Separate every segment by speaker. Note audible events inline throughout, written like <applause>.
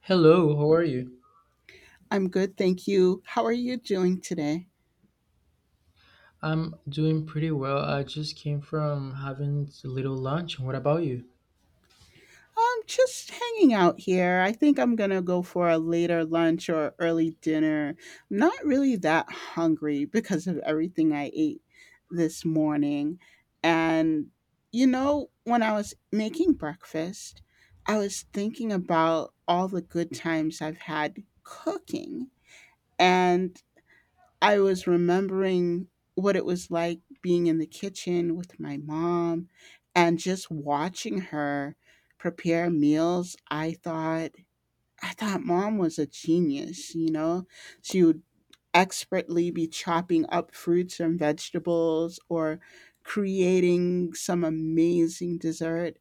Speaker 1: Hello, how are you?
Speaker 2: I'm good, thank you. How are you doing today?
Speaker 1: I'm doing pretty well. I just came from having a little lunch. What about you?
Speaker 2: I'm just hanging out here. I think I'm gonna go for a later lunch or early dinner. I'm not really that hungry because of everything I ate this morning. And you know, when I was making breakfast, I was thinking about all the good times I've had cooking. And I was remembering what it was like being in the kitchen with my mom and just watching her prepare meals. I thought mom was a genius, you know? She would expertly be chopping up fruits and vegetables or creating some amazing dessert,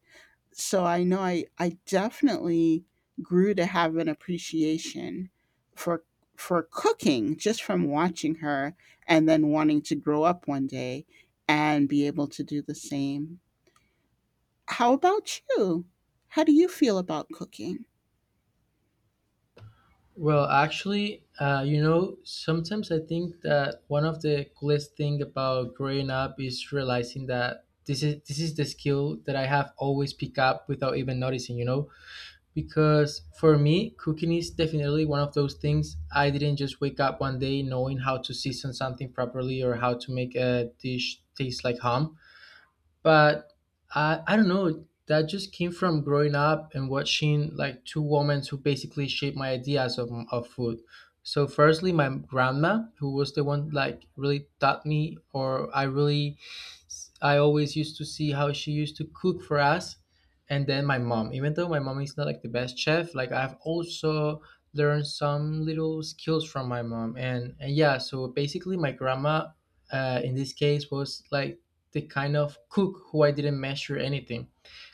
Speaker 2: so I know I definitely grew to have an appreciation for for cooking just from watching her, and then wanting to grow up one day and be able to do the same. How about you? How do you feel about cooking?
Speaker 1: Well, actually, you know, sometimes I think that one of the coolest thing about growing up is realizing that this is the skill that I have always picked up without even noticing, you know? Because for me, cooking is definitely one of those things I didn't just wake up one day knowing how to season something properly or how to make a dish taste like home. But I don't know. That just came from growing up and watching like two women who basically shaped my ideas of food. So firstly, my grandma, who was the one like really taught me, or I always used to see how she used to cook for us, and then my mom. Even though my mom is not like the best chef, like I've also learned some little skills from my mom, and yeah. So basically, my grandma, in this case, was like the kind of cook who I didn't measure anything.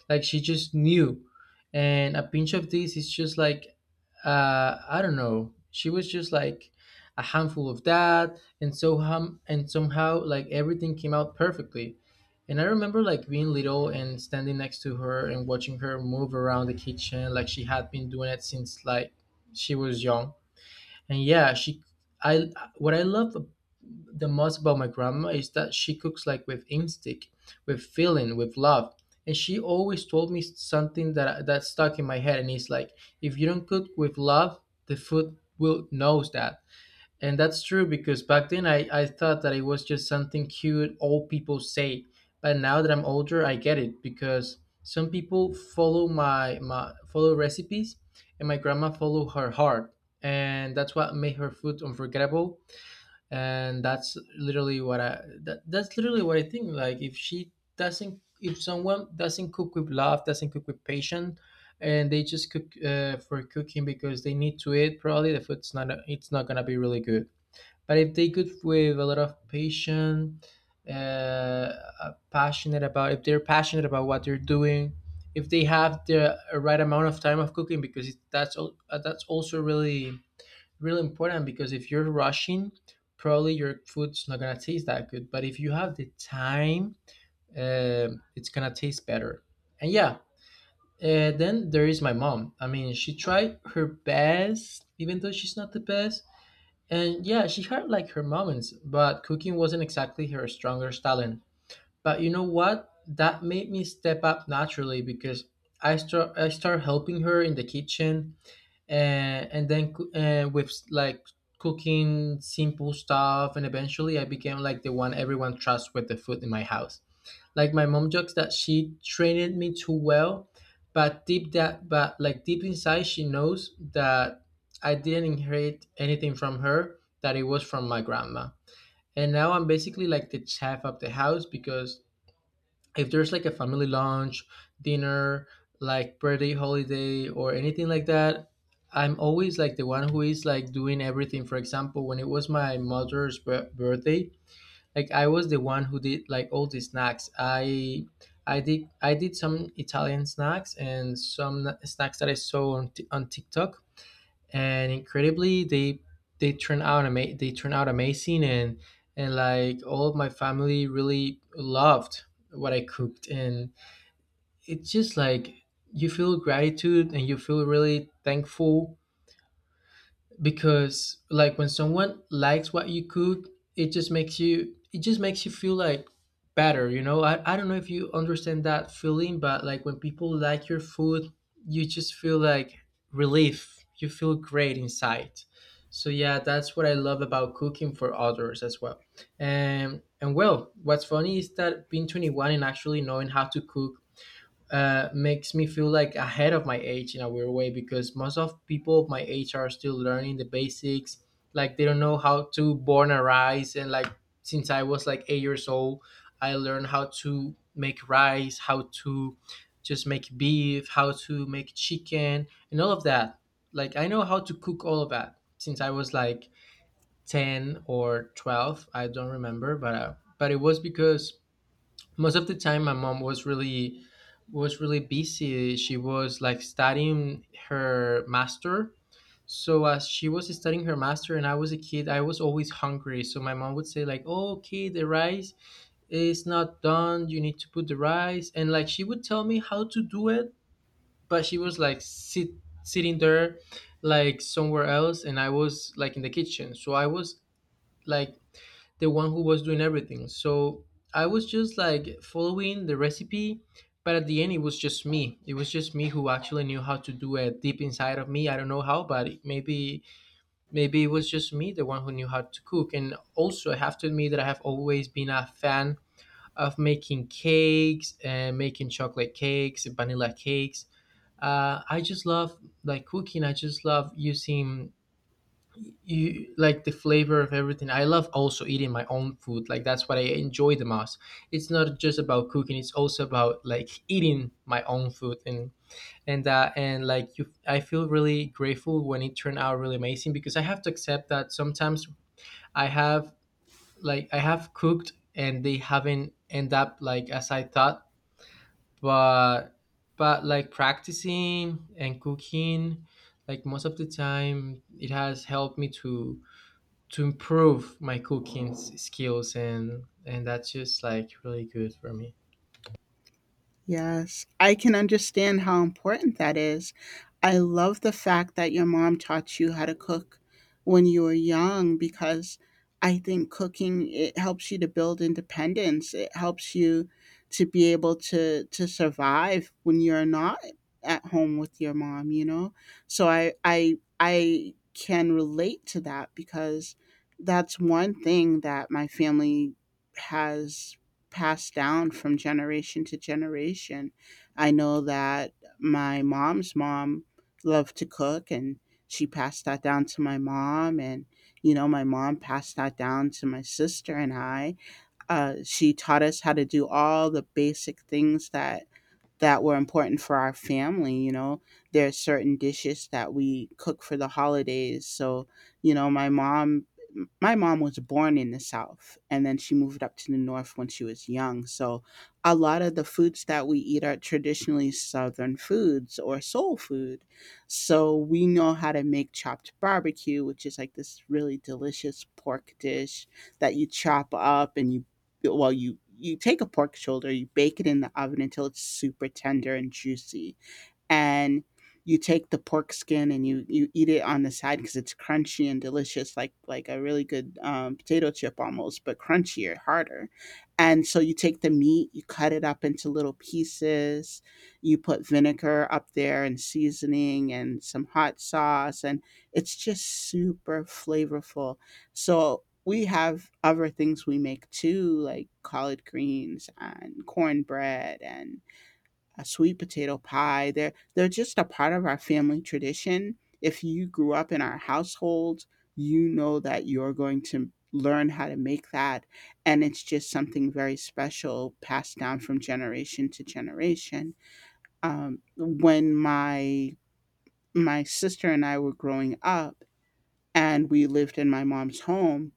Speaker 1: Like she just knew. And a pinch of this is just like, I don't know. She was just like a handful of that. And so hum- and somehow like everything came out perfectly. And I remember like being little and standing next to her and watching her move around the kitchen like she had been doing it since like she was young. And yeah, she I what I love the most about my grandma is that she cooks like with instinct, with feeling, with love. And she always told me something that stuck in my head, and it's like, if you don't cook with love, the food will knows that. And that's true, because back then I thought that it was just something cute old people say. But now that I'm older, I get it, because some people follow my follow recipes, and my grandma follow her heart. And that's what made her food unforgettable. And that's literally what I think. Like if she doesn't if someone doesn't cook with love, doesn't cook with patience, and they just cook for cooking because they need to eat, probably the food's not it's not gonna be really good. But if they could with a lot of passion, passionate about if they're passionate about what they're doing. If they have the right amount of time of cooking, because that's also really really important, because if you're rushing, probably your food's not gonna taste that good. But if you have the time, it's gonna taste better. And yeah, then there is my mom. I mean, she tried her best, even though she's not the best. And yeah, she had like her moments, but cooking wasn't exactly her strongest talent. But you know what? That made me step up naturally, because I start helping her in the kitchen, and then with like cooking simple stuff, and eventually I became like the one everyone trusts with the food in my house. Like my mom jokes that she trained me too well, but deep that but like deep inside she knows that I didn't inherit anything from her, that it was from my grandma. And now I'm basically like the chef of the house, because if there's like a family lunch, dinner, like birthday, holiday, or anything like that, I'm always like the one who is like doing everything. For example, when it was my mother's birthday, like I was the one who did like all the snacks. I did some Italian snacks and some snacks that I saw on, on TikTok, and incredibly they turned out amazing, and like all of my family really loved what I cooked. And it's just like, you feel gratitude and you feel really thankful, because like when someone likes what you cook, it just makes you feel like better. I don't know if you understand that feeling, but like when people like your food, you just feel like relief, you feel great inside. So yeah, that's what I love about cooking for others as well. And well, what's funny is that being 21 and actually knowing how to cook makes me feel like ahead of my age in a weird way, because most of people of my age are still learning the basics. Like they don't know how to born a rice, and like since I was like 8 years old, I learned how to make rice, how to just make beef, how to make chicken, and all of that. Like I know how to cook all of that since I was like 10 or 12. I don't remember, but it was because most of the time my mom was really busy. She was like studying her master. So as she was studying her master, and I was a kid, I was always hungry, so my mom would say like, oh, okay, the rice is not done, you need to put the rice, and like she would tell me how to do it, but she was like sitting there, like somewhere else, and I was like in the kitchen, so I was like the one who was doing everything. So I was just like following the recipe, but at the end it was just me. It was just me who actually knew how to do it deep inside of me. I don't know how, but maybe it was just me, the one who knew how to cook. And also I have to admit that I have always been a fan of making cakes and making chocolate cakes, vanilla cakes. I just love like cooking. I just love using you like the flavor of everything. I love also eating my own food. Like that's what I enjoy the most. It's not just about cooking. It's also about like eating my own food, and and like you, I feel really grateful when it turned out really amazing, because I have to accept that sometimes I have like I have cooked and they haven't end up like as I thought. But like practicing and cooking, like most of the time it has helped me to improve my cooking skills, and that's just like really good for me.
Speaker 2: Yes, I can understand how important that is. I love the fact that your mom taught you how to cook when you were young, because I think cooking it helps you to build independence. It helps you to be able to survive when you're not at home with your mom, you know? So I can relate to that because that's one thing that my family has passed down from generation to generation. I know that my mom's mom loved to cook, and she passed that down to my mom, and you know my mom passed that down to my sister and I. She taught us how to do all the basic things that were important for our family, you know. There are certain dishes that we cook for the holidays. So, you know, my mom was born in the South and then she moved up to the North when she was young. So, a lot of the foods that we eat are traditionally Southern foods or soul food. So, we know how to make chopped barbecue, which is like this really delicious pork dish that you chop up, and you, well, you take a pork shoulder, you bake it in the oven until it's super tender and juicy, and you take the pork skin and you eat it on the side because it's crunchy and delicious, like a really good potato chip almost, but crunchier, harder. And so you take the meat, you cut it up into little pieces, you put vinegar up there and seasoning and some hot sauce, and it's just super flavorful. So we have other things we make too, like collard greens and cornbread and a sweet potato pie. They're just a part of our family tradition. If you grew up in our household, you know that you're going to learn how to make that, and it's just something very special passed down from generation to generation. When my sister and I were growing up and we lived in my mom's home,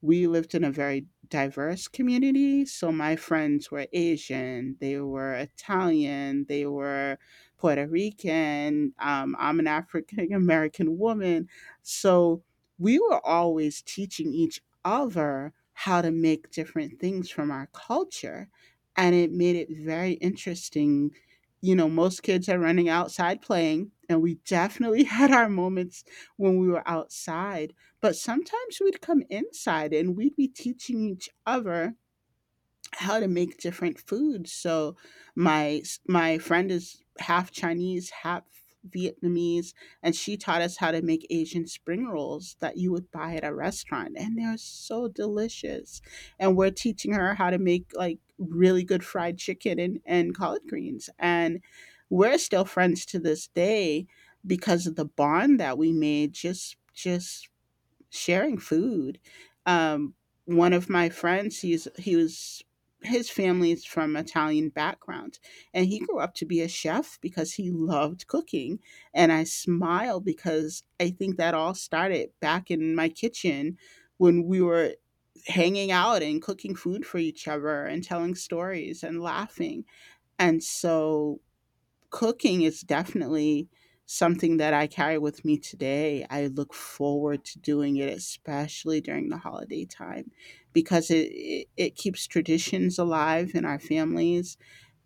Speaker 2: we lived in a very diverse community. So my friends were Asian, they were Italian, they were Puerto Rican. I'm an African <laughs> American woman. So we were always teaching each other how to make different things from our culture. And it made it very interesting. You know, most kids are running outside playing, and we definitely <laughs> had our moments when we were outside, but sometimes we'd come inside and we'd be teaching each other how to make different foods. So my my friend is half Chinese, half Vietnamese, and she taught us how to make Asian spring rolls that you would buy at a restaurant, and they're so delicious. And we're teaching her how to make like really good fried chicken and collard greens. And we're still friends to this day because of the bond that we made, just sharing food. Um, one of my friends, he was his family's from Italian background, and he grew up to be a chef because he loved cooking. And I smile because I think that all started back in my kitchen when we were hanging out and cooking food for each other and telling stories and laughing. And so cooking is definitely something that I carry with me today. I look forward to doing it, especially during the holiday time, because it keeps traditions alive in our families.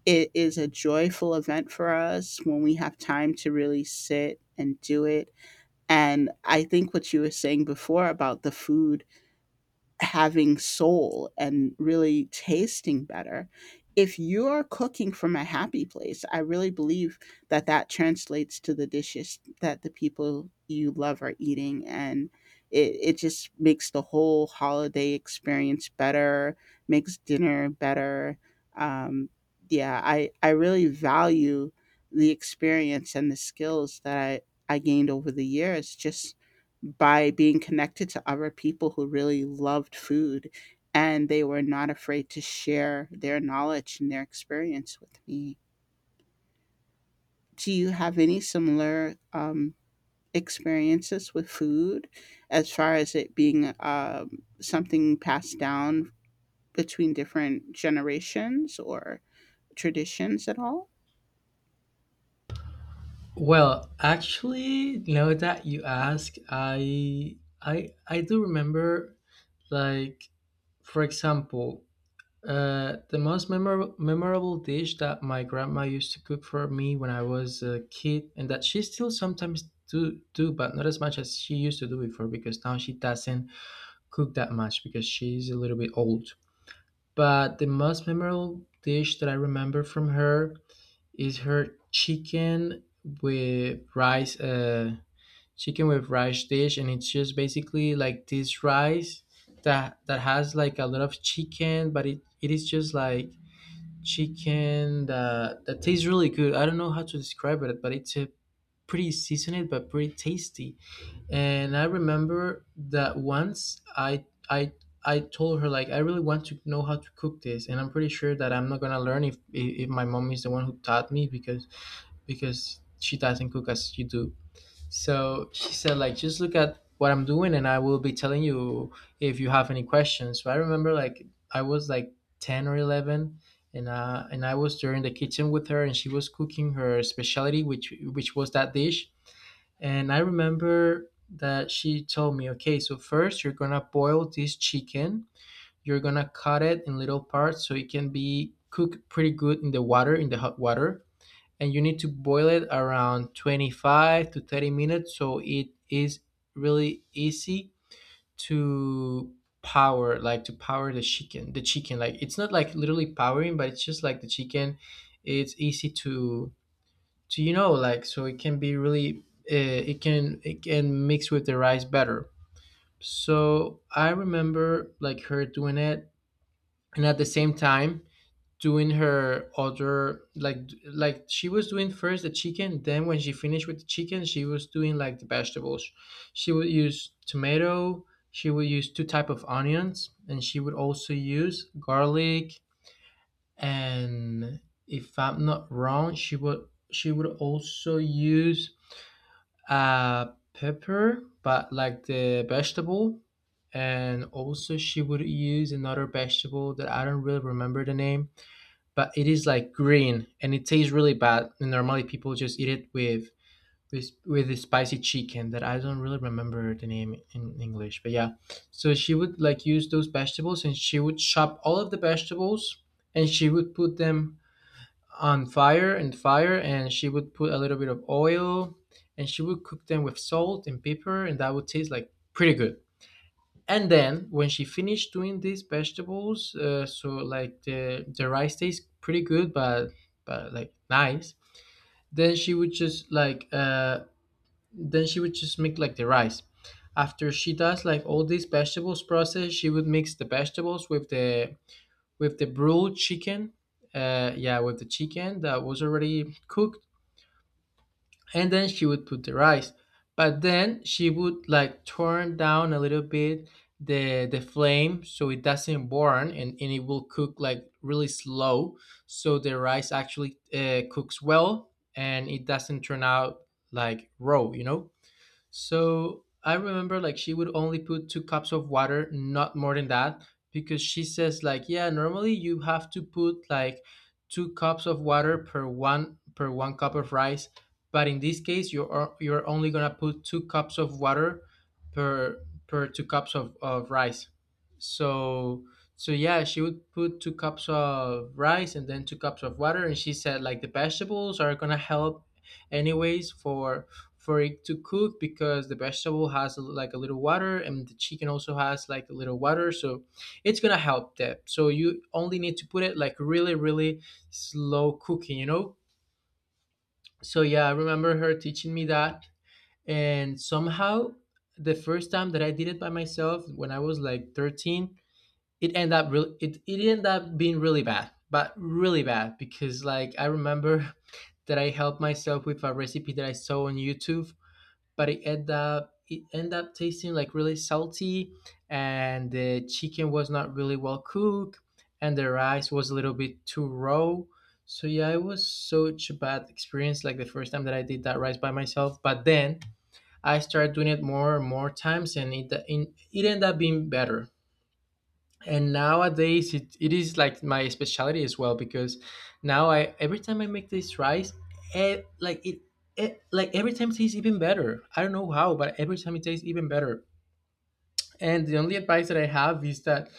Speaker 2: It is a joyful event for us when we have time to really sit and do it. And I think what you were saying before about the food having soul and really tasting better. If you are cooking from a happy place, I really believe that that translates to the dishes that the people you love are eating. And it just makes the whole holiday experience better, makes dinner better. Um, yeah, I really value the experience and the skills that I gained over the years just by being connected to other people who really loved food, and they were not afraid to share their knowledge and their experience with me. Do you have any similar experiences with food, as far as it being something passed down between different generations or traditions at all?
Speaker 1: Well, actually, now that you ask, I do remember, like, for example, the most memorable dish that my grandma used to cook for me when I was a kid, and that she still sometimes do, but not as much as she used to do before, because now she doesn't cook that much, because she's a little bit old. But the most memorable dish that I remember from her is her with rice, uh, chicken with rice dish. And it's just basically like this rice that has like a lot of chicken, but it is just like chicken that tastes really good. I don't know how to describe it, but it's a pretty seasoned but pretty tasty. And I remember that once I told her like, I really want to know how to cook this, and I'm pretty sure that I'm not gonna learn if my mom is the one who taught me, because she doesn't cook as you do. So she said like, just look at what I'm doing, and I will be telling you if you have any questions. So I remember like I was like 10 or 11. And I was there in the kitchen with her, and she was cooking her specialty, which was that dish. And I remember that she told me, okay, so first you're gonna boil this chicken. You're gonna cut it in little parts so it can be cooked pretty good in the water, in the hot water. And you need to boil it around 25 to 30 minutes so it is really easy to power, like to power the chicken. The chicken, like it's not like literally powering, but it's just like the chicken. It's easy to So, like, so it can be really, it can mix with the rice better. So I remember like her doing it, and at the same time doing her other like like she was doing first the chicken. Then when she finished with the chicken, she was doing like the vegetables. She would use tomato. She would use two type of onions, and she would also use garlic. And if I'm not wrong, she would also use uh pepper, but like the vegetable. And also she would use another vegetable that I don't really remember the name, but it is like green and it tastes really bad. And normally people just eat it with with the spicy chicken, that I don't really remember the name in English, but yeah. So she would like use those vegetables, and she would chop all of the vegetables, and she would put them on fire, and she would put a little bit of oil, and she would cook them with salt and pepper, and that would taste like pretty good. And then when she finished doing these vegetables, so like the rice tastes pretty good, but like nice. Then she would just like then she would just make like the rice. After she does like all these vegetables process, she would mix the vegetables with the broiled chicken. Yeah, with the chicken that was already cooked. And then she would put the rice. But then she would like turn down a little bit the flame so it doesn't burn, and it will cook like really slow, so the rice actually cooks well and it doesn't turn out like raw, you know. So I remember like she would only put 2 cups of water, not more than that, because she says like, yeah, normally you have to put like 2 cups of water per one cup of rice. But in this case you're only gonna put 2 cups of water per per 2 cups of rice. So so yeah, she would put 2 cups of rice and then 2 cups of water. And she said like the vegetables are gonna help anyways for it to cook, because the vegetable has a, like a little water, and the chicken also has like a little water, so it's gonna help that. So you only need to put it like really really slow cooking, you know. So yeah, I remember her teaching me that. And somehow the first time that I did it by myself when I was like 13, it ended up really, it ended up being really bad, but really bad, because like I remember <laughs> that I helped myself with a recipe that I saw on YouTube. But it ended up tasting like really salty, and the chicken was not really well cooked, and the rice was a little bit too raw. So yeah, it was such a bad experience. Like the first time that I did that rice by myself. But then I started doing it more and more times, and it ended up being better. And nowadays it is like my specialty as well, because now I every time I make this rice, like it, like every time it tastes even better. I don't know how, but every time it tastes even better. And the only advice that I have is that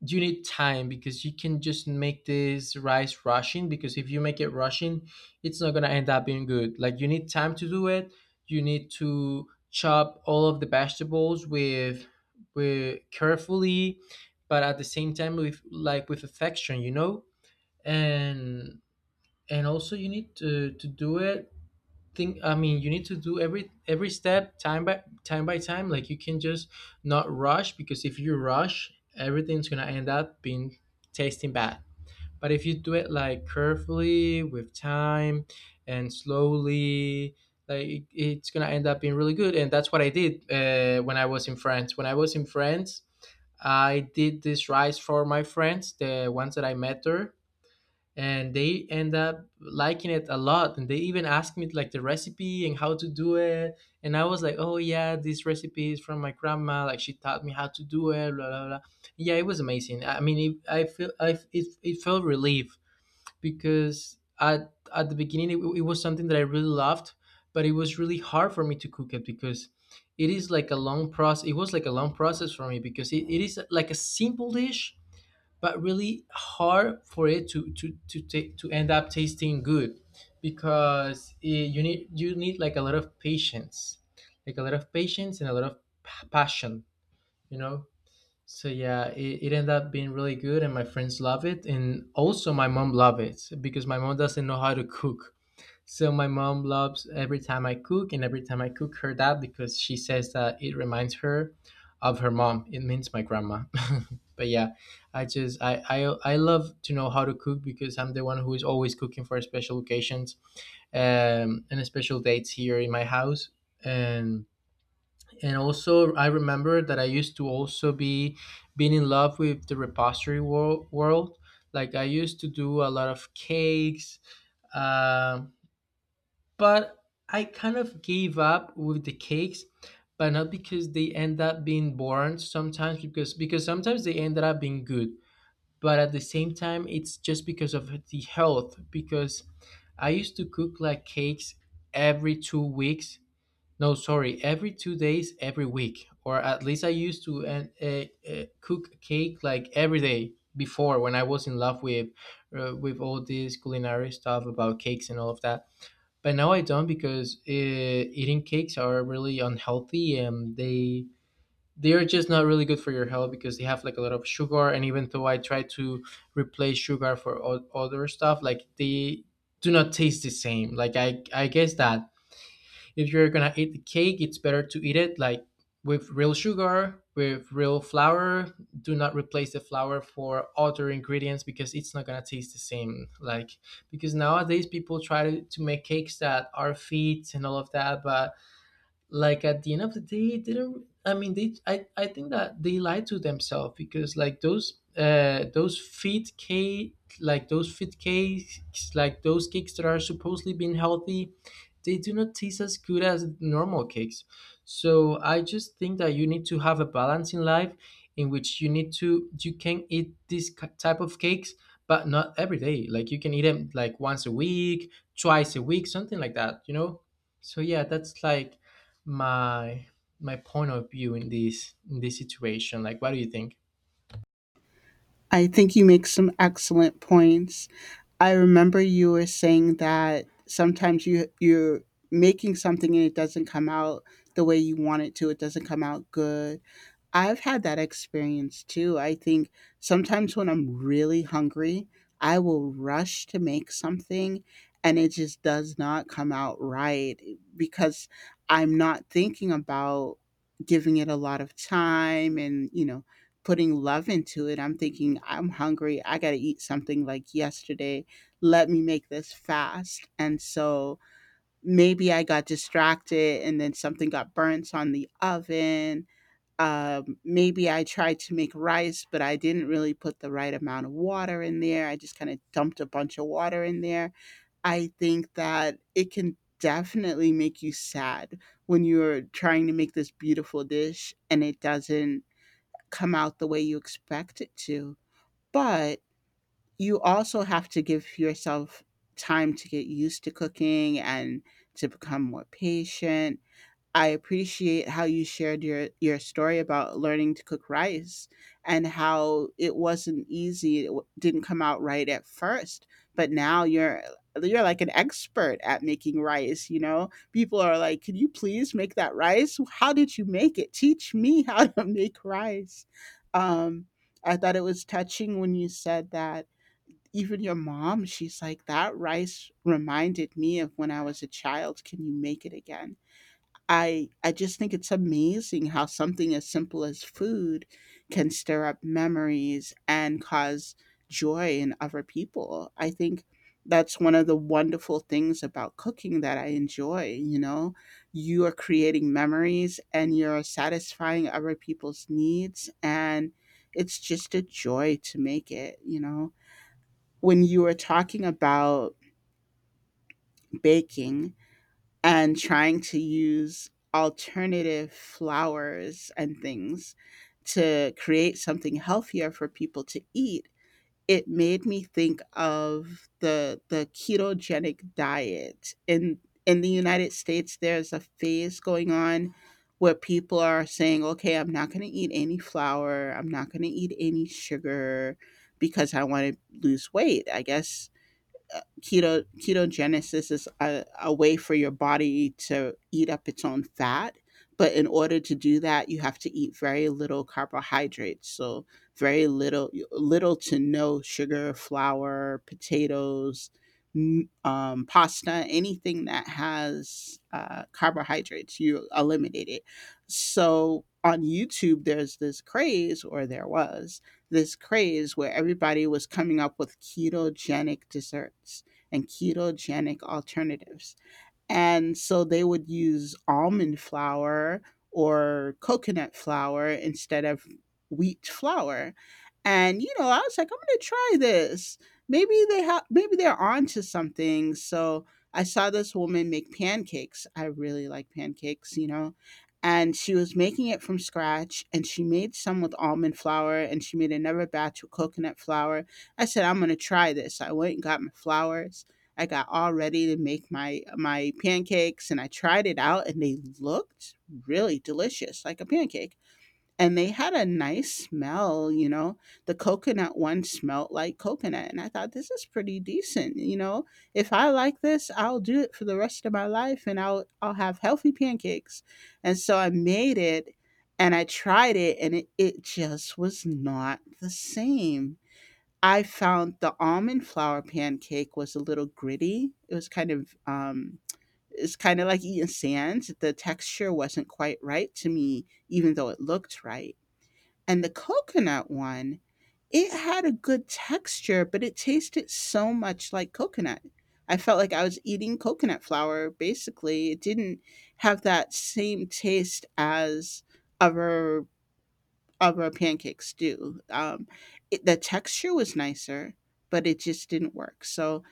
Speaker 1: you need time, because you can just make this rice rushing. Because if you make it rushing, it's not going to end up being good. Like you need time to do it. You need to chop all of the vegetables with carefully, but at the same time with like with affection, you know. And and also you need to do it, think I mean, you need to do every step time by time by time, like you can just not rush. Because if you rush, everything's gonna end up being tasting bad. But if you do it like carefully, with time and slowly, like it's gonna end up being really good. And that's what I did when I was in France, I did this rice for my friends, the ones that I met there. And they end up liking it a lot, and they even asked me like the recipe and how to do it. And I was like, oh yeah, this recipe is from my grandma, like she taught me how to do it, blah blah blah. Yeah, it was amazing. I mean it, I feel I it, it felt relief, because at the beginning it was something that I really loved. But it was really hard for me to cook it, because it was like a long process for me, because it is like a simple dish, but really hard for it to end up tasting good. Because you need like a lot of patience, like a lot of patience, and a lot of passion, you know. So yeah, it ended up being really good, and my friends love it, and also my mom love it, because my mom doesn't know how to cook. So my mom loves every time I cook, and every time I cook her that, because she says that it reminds her of her mom. It means my grandma. <laughs> But yeah, I just I love to know how to cook, because I'm the one who is always cooking for special occasions, and special dates here in my house. And and also I remember that I used to also be being in love with the repository world. Like I used to do a lot of cakes, um, but I kind of gave up with the cakes. But not because they end up being boring sometimes, because sometimes they ended up being good. But at the same time it's just because of the health, because I used to cook like cakes every 2 weeks. No, sorry, every 2 days, every week, or at least I used to. And cook cake like every day before, when I was in love with all this culinary stuff about cakes and all of that. But now I don't, because eating cakes are really unhealthy, and they are just not really good for your health, because they have like a lot of sugar. And even though I try to replace sugar for other stuff, like they do not taste the same. Like I guess that if you're gonna eat the cake, it's better to eat it like with real sugar, with real flour. Do not replace the flour for other ingredients, because it's not gonna taste the same. Like because nowadays people try to make cakes that are fit and all of that. But like at the end of the day it didn't, I mean they, I think that they lied to themselves, because like those fit cake like those fit cakes, like those cakes that are supposedly being healthy, they do not taste as good as normal cakes. So I just think that you need to have a balance in life, in which you need to you can eat this type of cakes, but not every day. Like you can eat them like once a week, twice a week, something like that, you know. So yeah, that's like my my point of view in this situation. Like, what do you think?
Speaker 2: I think you make some excellent points. I remember you were saying that sometimes you're making something and it doesn't come out the way you want it to. It doesn't come out good. I've had that experience too. I think sometimes when I'm really hungry, I will rush to make something and it just does not come out right because I'm not thinking about giving it a lot of time and, you know, putting love into it. I'm thinking, I'm hungry. I got to eat something like yesterday. Let me make this fast. And so maybe I got distracted and then something got burnt on the oven. Maybe I tried to make rice, but I didn't really put the right amount of water in there. I just kind of dumped a bunch of water in there. I think that it can definitely make you sad when you're trying to make this beautiful dish and it doesn't come out the way you expect it to. But you also have to give yourself time to get used to cooking and to become more patient. I appreciate how you shared your story about learning to cook rice and how it wasn't easy. It didn't come out right at first, but now you're like an expert at making rice, you know? People are like, "Can you please make that rice? How did you make it? Teach me how <laughs> to make rice." Um I thought it was touching when you said that even your mom, she's like, that rice reminded me of when I was a child. Can you make it again? I just think it's amazing how something as simple as food can stir up memories and cause joy in other people. I think that's one of the wonderful things about cooking that I enjoy, you know. You are creating memories and you're satisfying other people's needs, and it's just a joy to make it, you know. When you were talking about baking, and trying to use alternative flowers and things to create something healthier for people to eat, it made me think of the ketogenic diet. In the United States, there's a phase going on where people are saying, "Okay, I'm not going to eat any flour. I'm not going to eat any sugar because I want to lose weight." I guess keto ketogenesis is a way for your body to eat up its own fat, but in order to do that you have to eat very little carbohydrates, so very little, little to no sugar, flour, potatoes, pasta, anything that has carbohydrates you eliminate it. So on YouTube there's this craze, or there was this craze, where everybody was coming up with ketogenic desserts and ketogenic alternatives. And so they would use almond flour or coconut flour instead of wheat flour. And you know, I was like, I'm gonna try this. Maybe they have, maybe they're onto something. So I saw this woman make pancakes. I really like pancakes, you know. And she was making it from scratch, and she made some with almond flour, and she made another batch with coconut flour. I said, I'm gonna try this. I went and got my flours. I got all ready to make my pancakes, and I tried it out, and they looked really delicious, like a pancake. And they had a nice smell, you know. The coconut one smelled like coconut, and I thought, this is pretty decent, you know. If I like this, I'll do it for the rest of my life and I'll have healthy pancakes. And so I made it and I tried it, and it just was not the same. I found the almond flour pancake was a little gritty. It was kind of, it's kind of like eating sand. The texture wasn't quite right to me, even though it looked right. And the coconut one, it had a good texture, but it tasted so much like coconut. I felt like I was eating coconut flour, basically. It didn't have that same taste as other of a pancake stew. The texture was nicer, but it just didn't work. So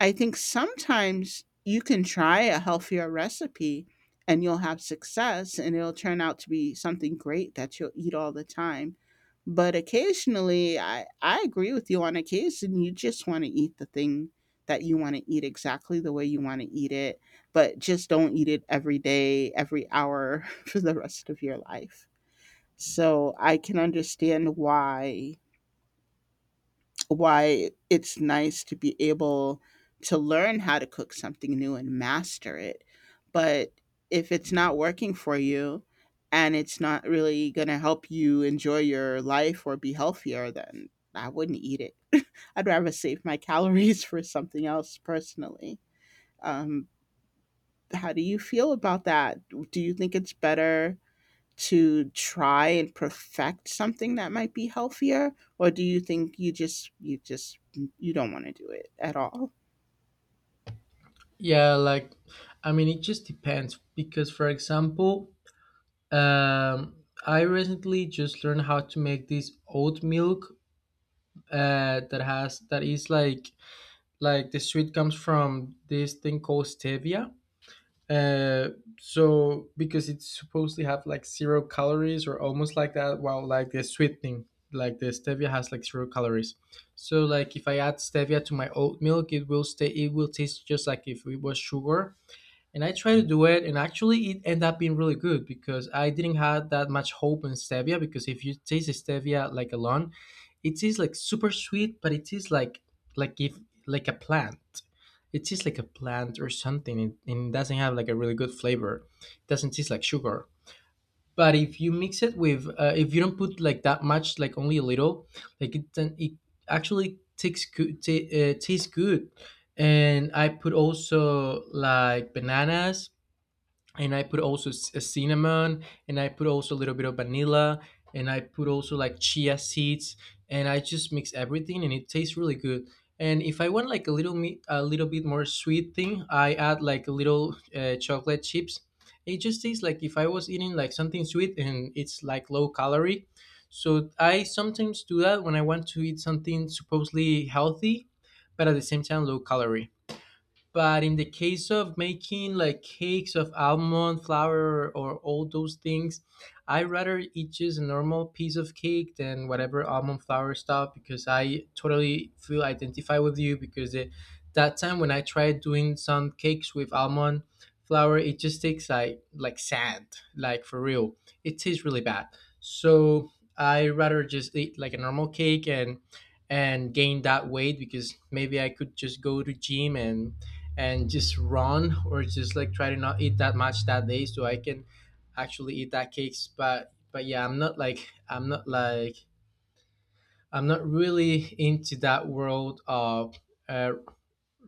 Speaker 2: I think sometimes you can try a healthier recipe and you'll have success and it'll turn out to be something great that you'll eat all the time. But occasionally, I agree with you, on occasion, you just want to eat the thing that you want to eat exactly the way you want to eat it, but just don't eat it every day, every hour <laughs> for the rest of your life. So I can understand why it's nice to be able to learn how to cook something new and master it. But if it's not working for you and it's not really going to help you enjoy your life or be healthier, then I wouldn't eat it. <laughs> I'd rather save my calories <laughs> for something else personally. Um, how do you feel about that? Do you think it's better to try and perfect something that might be healthier, or do you think you just you don't want to do it at all?
Speaker 1: Yeah, like I mean it just depends, because for example, um I recently just learned how to make this oat milk, that is like the sweet comes from this thing called stevia. Uh, so because it's supposedly have like 0 calories or almost like that, while like the sweetening, like the stevia has like 0 calories. So like if I add stevia to my oat milk, it will stay. It will taste just like if it was sugar. And I tried to do it, and actually it ended up being really good, because I didn't have that much hope in stevia. Because if you taste the stevia like alone, it tastes like super sweet, but it tastes like if, like a plant. It tastes like a plant or something, and it doesn't have like a really good flavor. It doesn't taste like sugar. But if you mix it with, if you don't put like that much, like only a little, like it, then it actually takes good, ta tastes good. And I put also like bananas, and I put also cinnamon, and I put also a little bit of vanilla, and I put also like chia seeds, and I just mix everything, and it tastes really good. And if I want like a little bit more sweet thing, I add like a little chocolate chips. It just tastes like if I was eating like something sweet, and it's like low calorie. So I sometimes do that when I want to eat something supposedly healthy, but at the same time low calorie. But in the case of making like cakes of almond flour or all those things, I rather eat just a normal piece of cake than whatever almond flour stuff, because I totally feel identified with you. Because that time when I tried doing some cakes with almond flour, it just tastes like sand, like for real. It tastes really bad. So I rather just eat like a normal cake, and gain that weight. Because maybe I could just go to gym, and just run, or just like try to not eat that much that day so I can actually eat that cakes. But yeah, I'm not really into that world of, uh,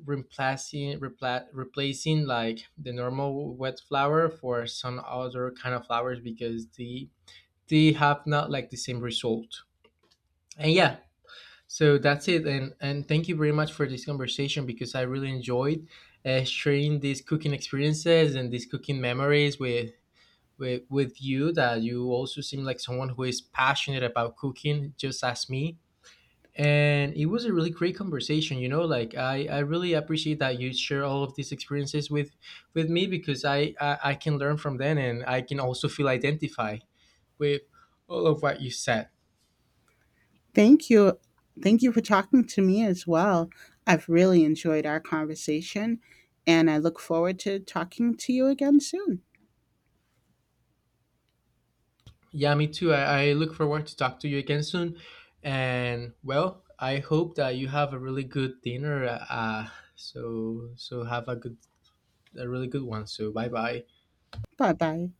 Speaker 1: replacing like the normal wet flour for some other kind of flowers, because they have not like the same result. And yeah, so that's it. And thank you very much for this conversation, because I really enjoyed sharing these cooking experiences and these cooking memories with you. That you also seem like someone who is passionate about cooking, just as me. And it was a really great conversation. You know, like I really appreciate that you share all of these experiences with me, because I can learn from them, and I can also feel identified with all of what you said.
Speaker 2: Thank you. Thank you for talking to me as well. I've really enjoyed our conversation, and I look forward to talking to you again soon.
Speaker 1: Yeah, me too. I look forward to talk to you again soon. And well, I hope that you have a really good dinner. So have a good a really good one. So bye bye.
Speaker 2: Bye bye.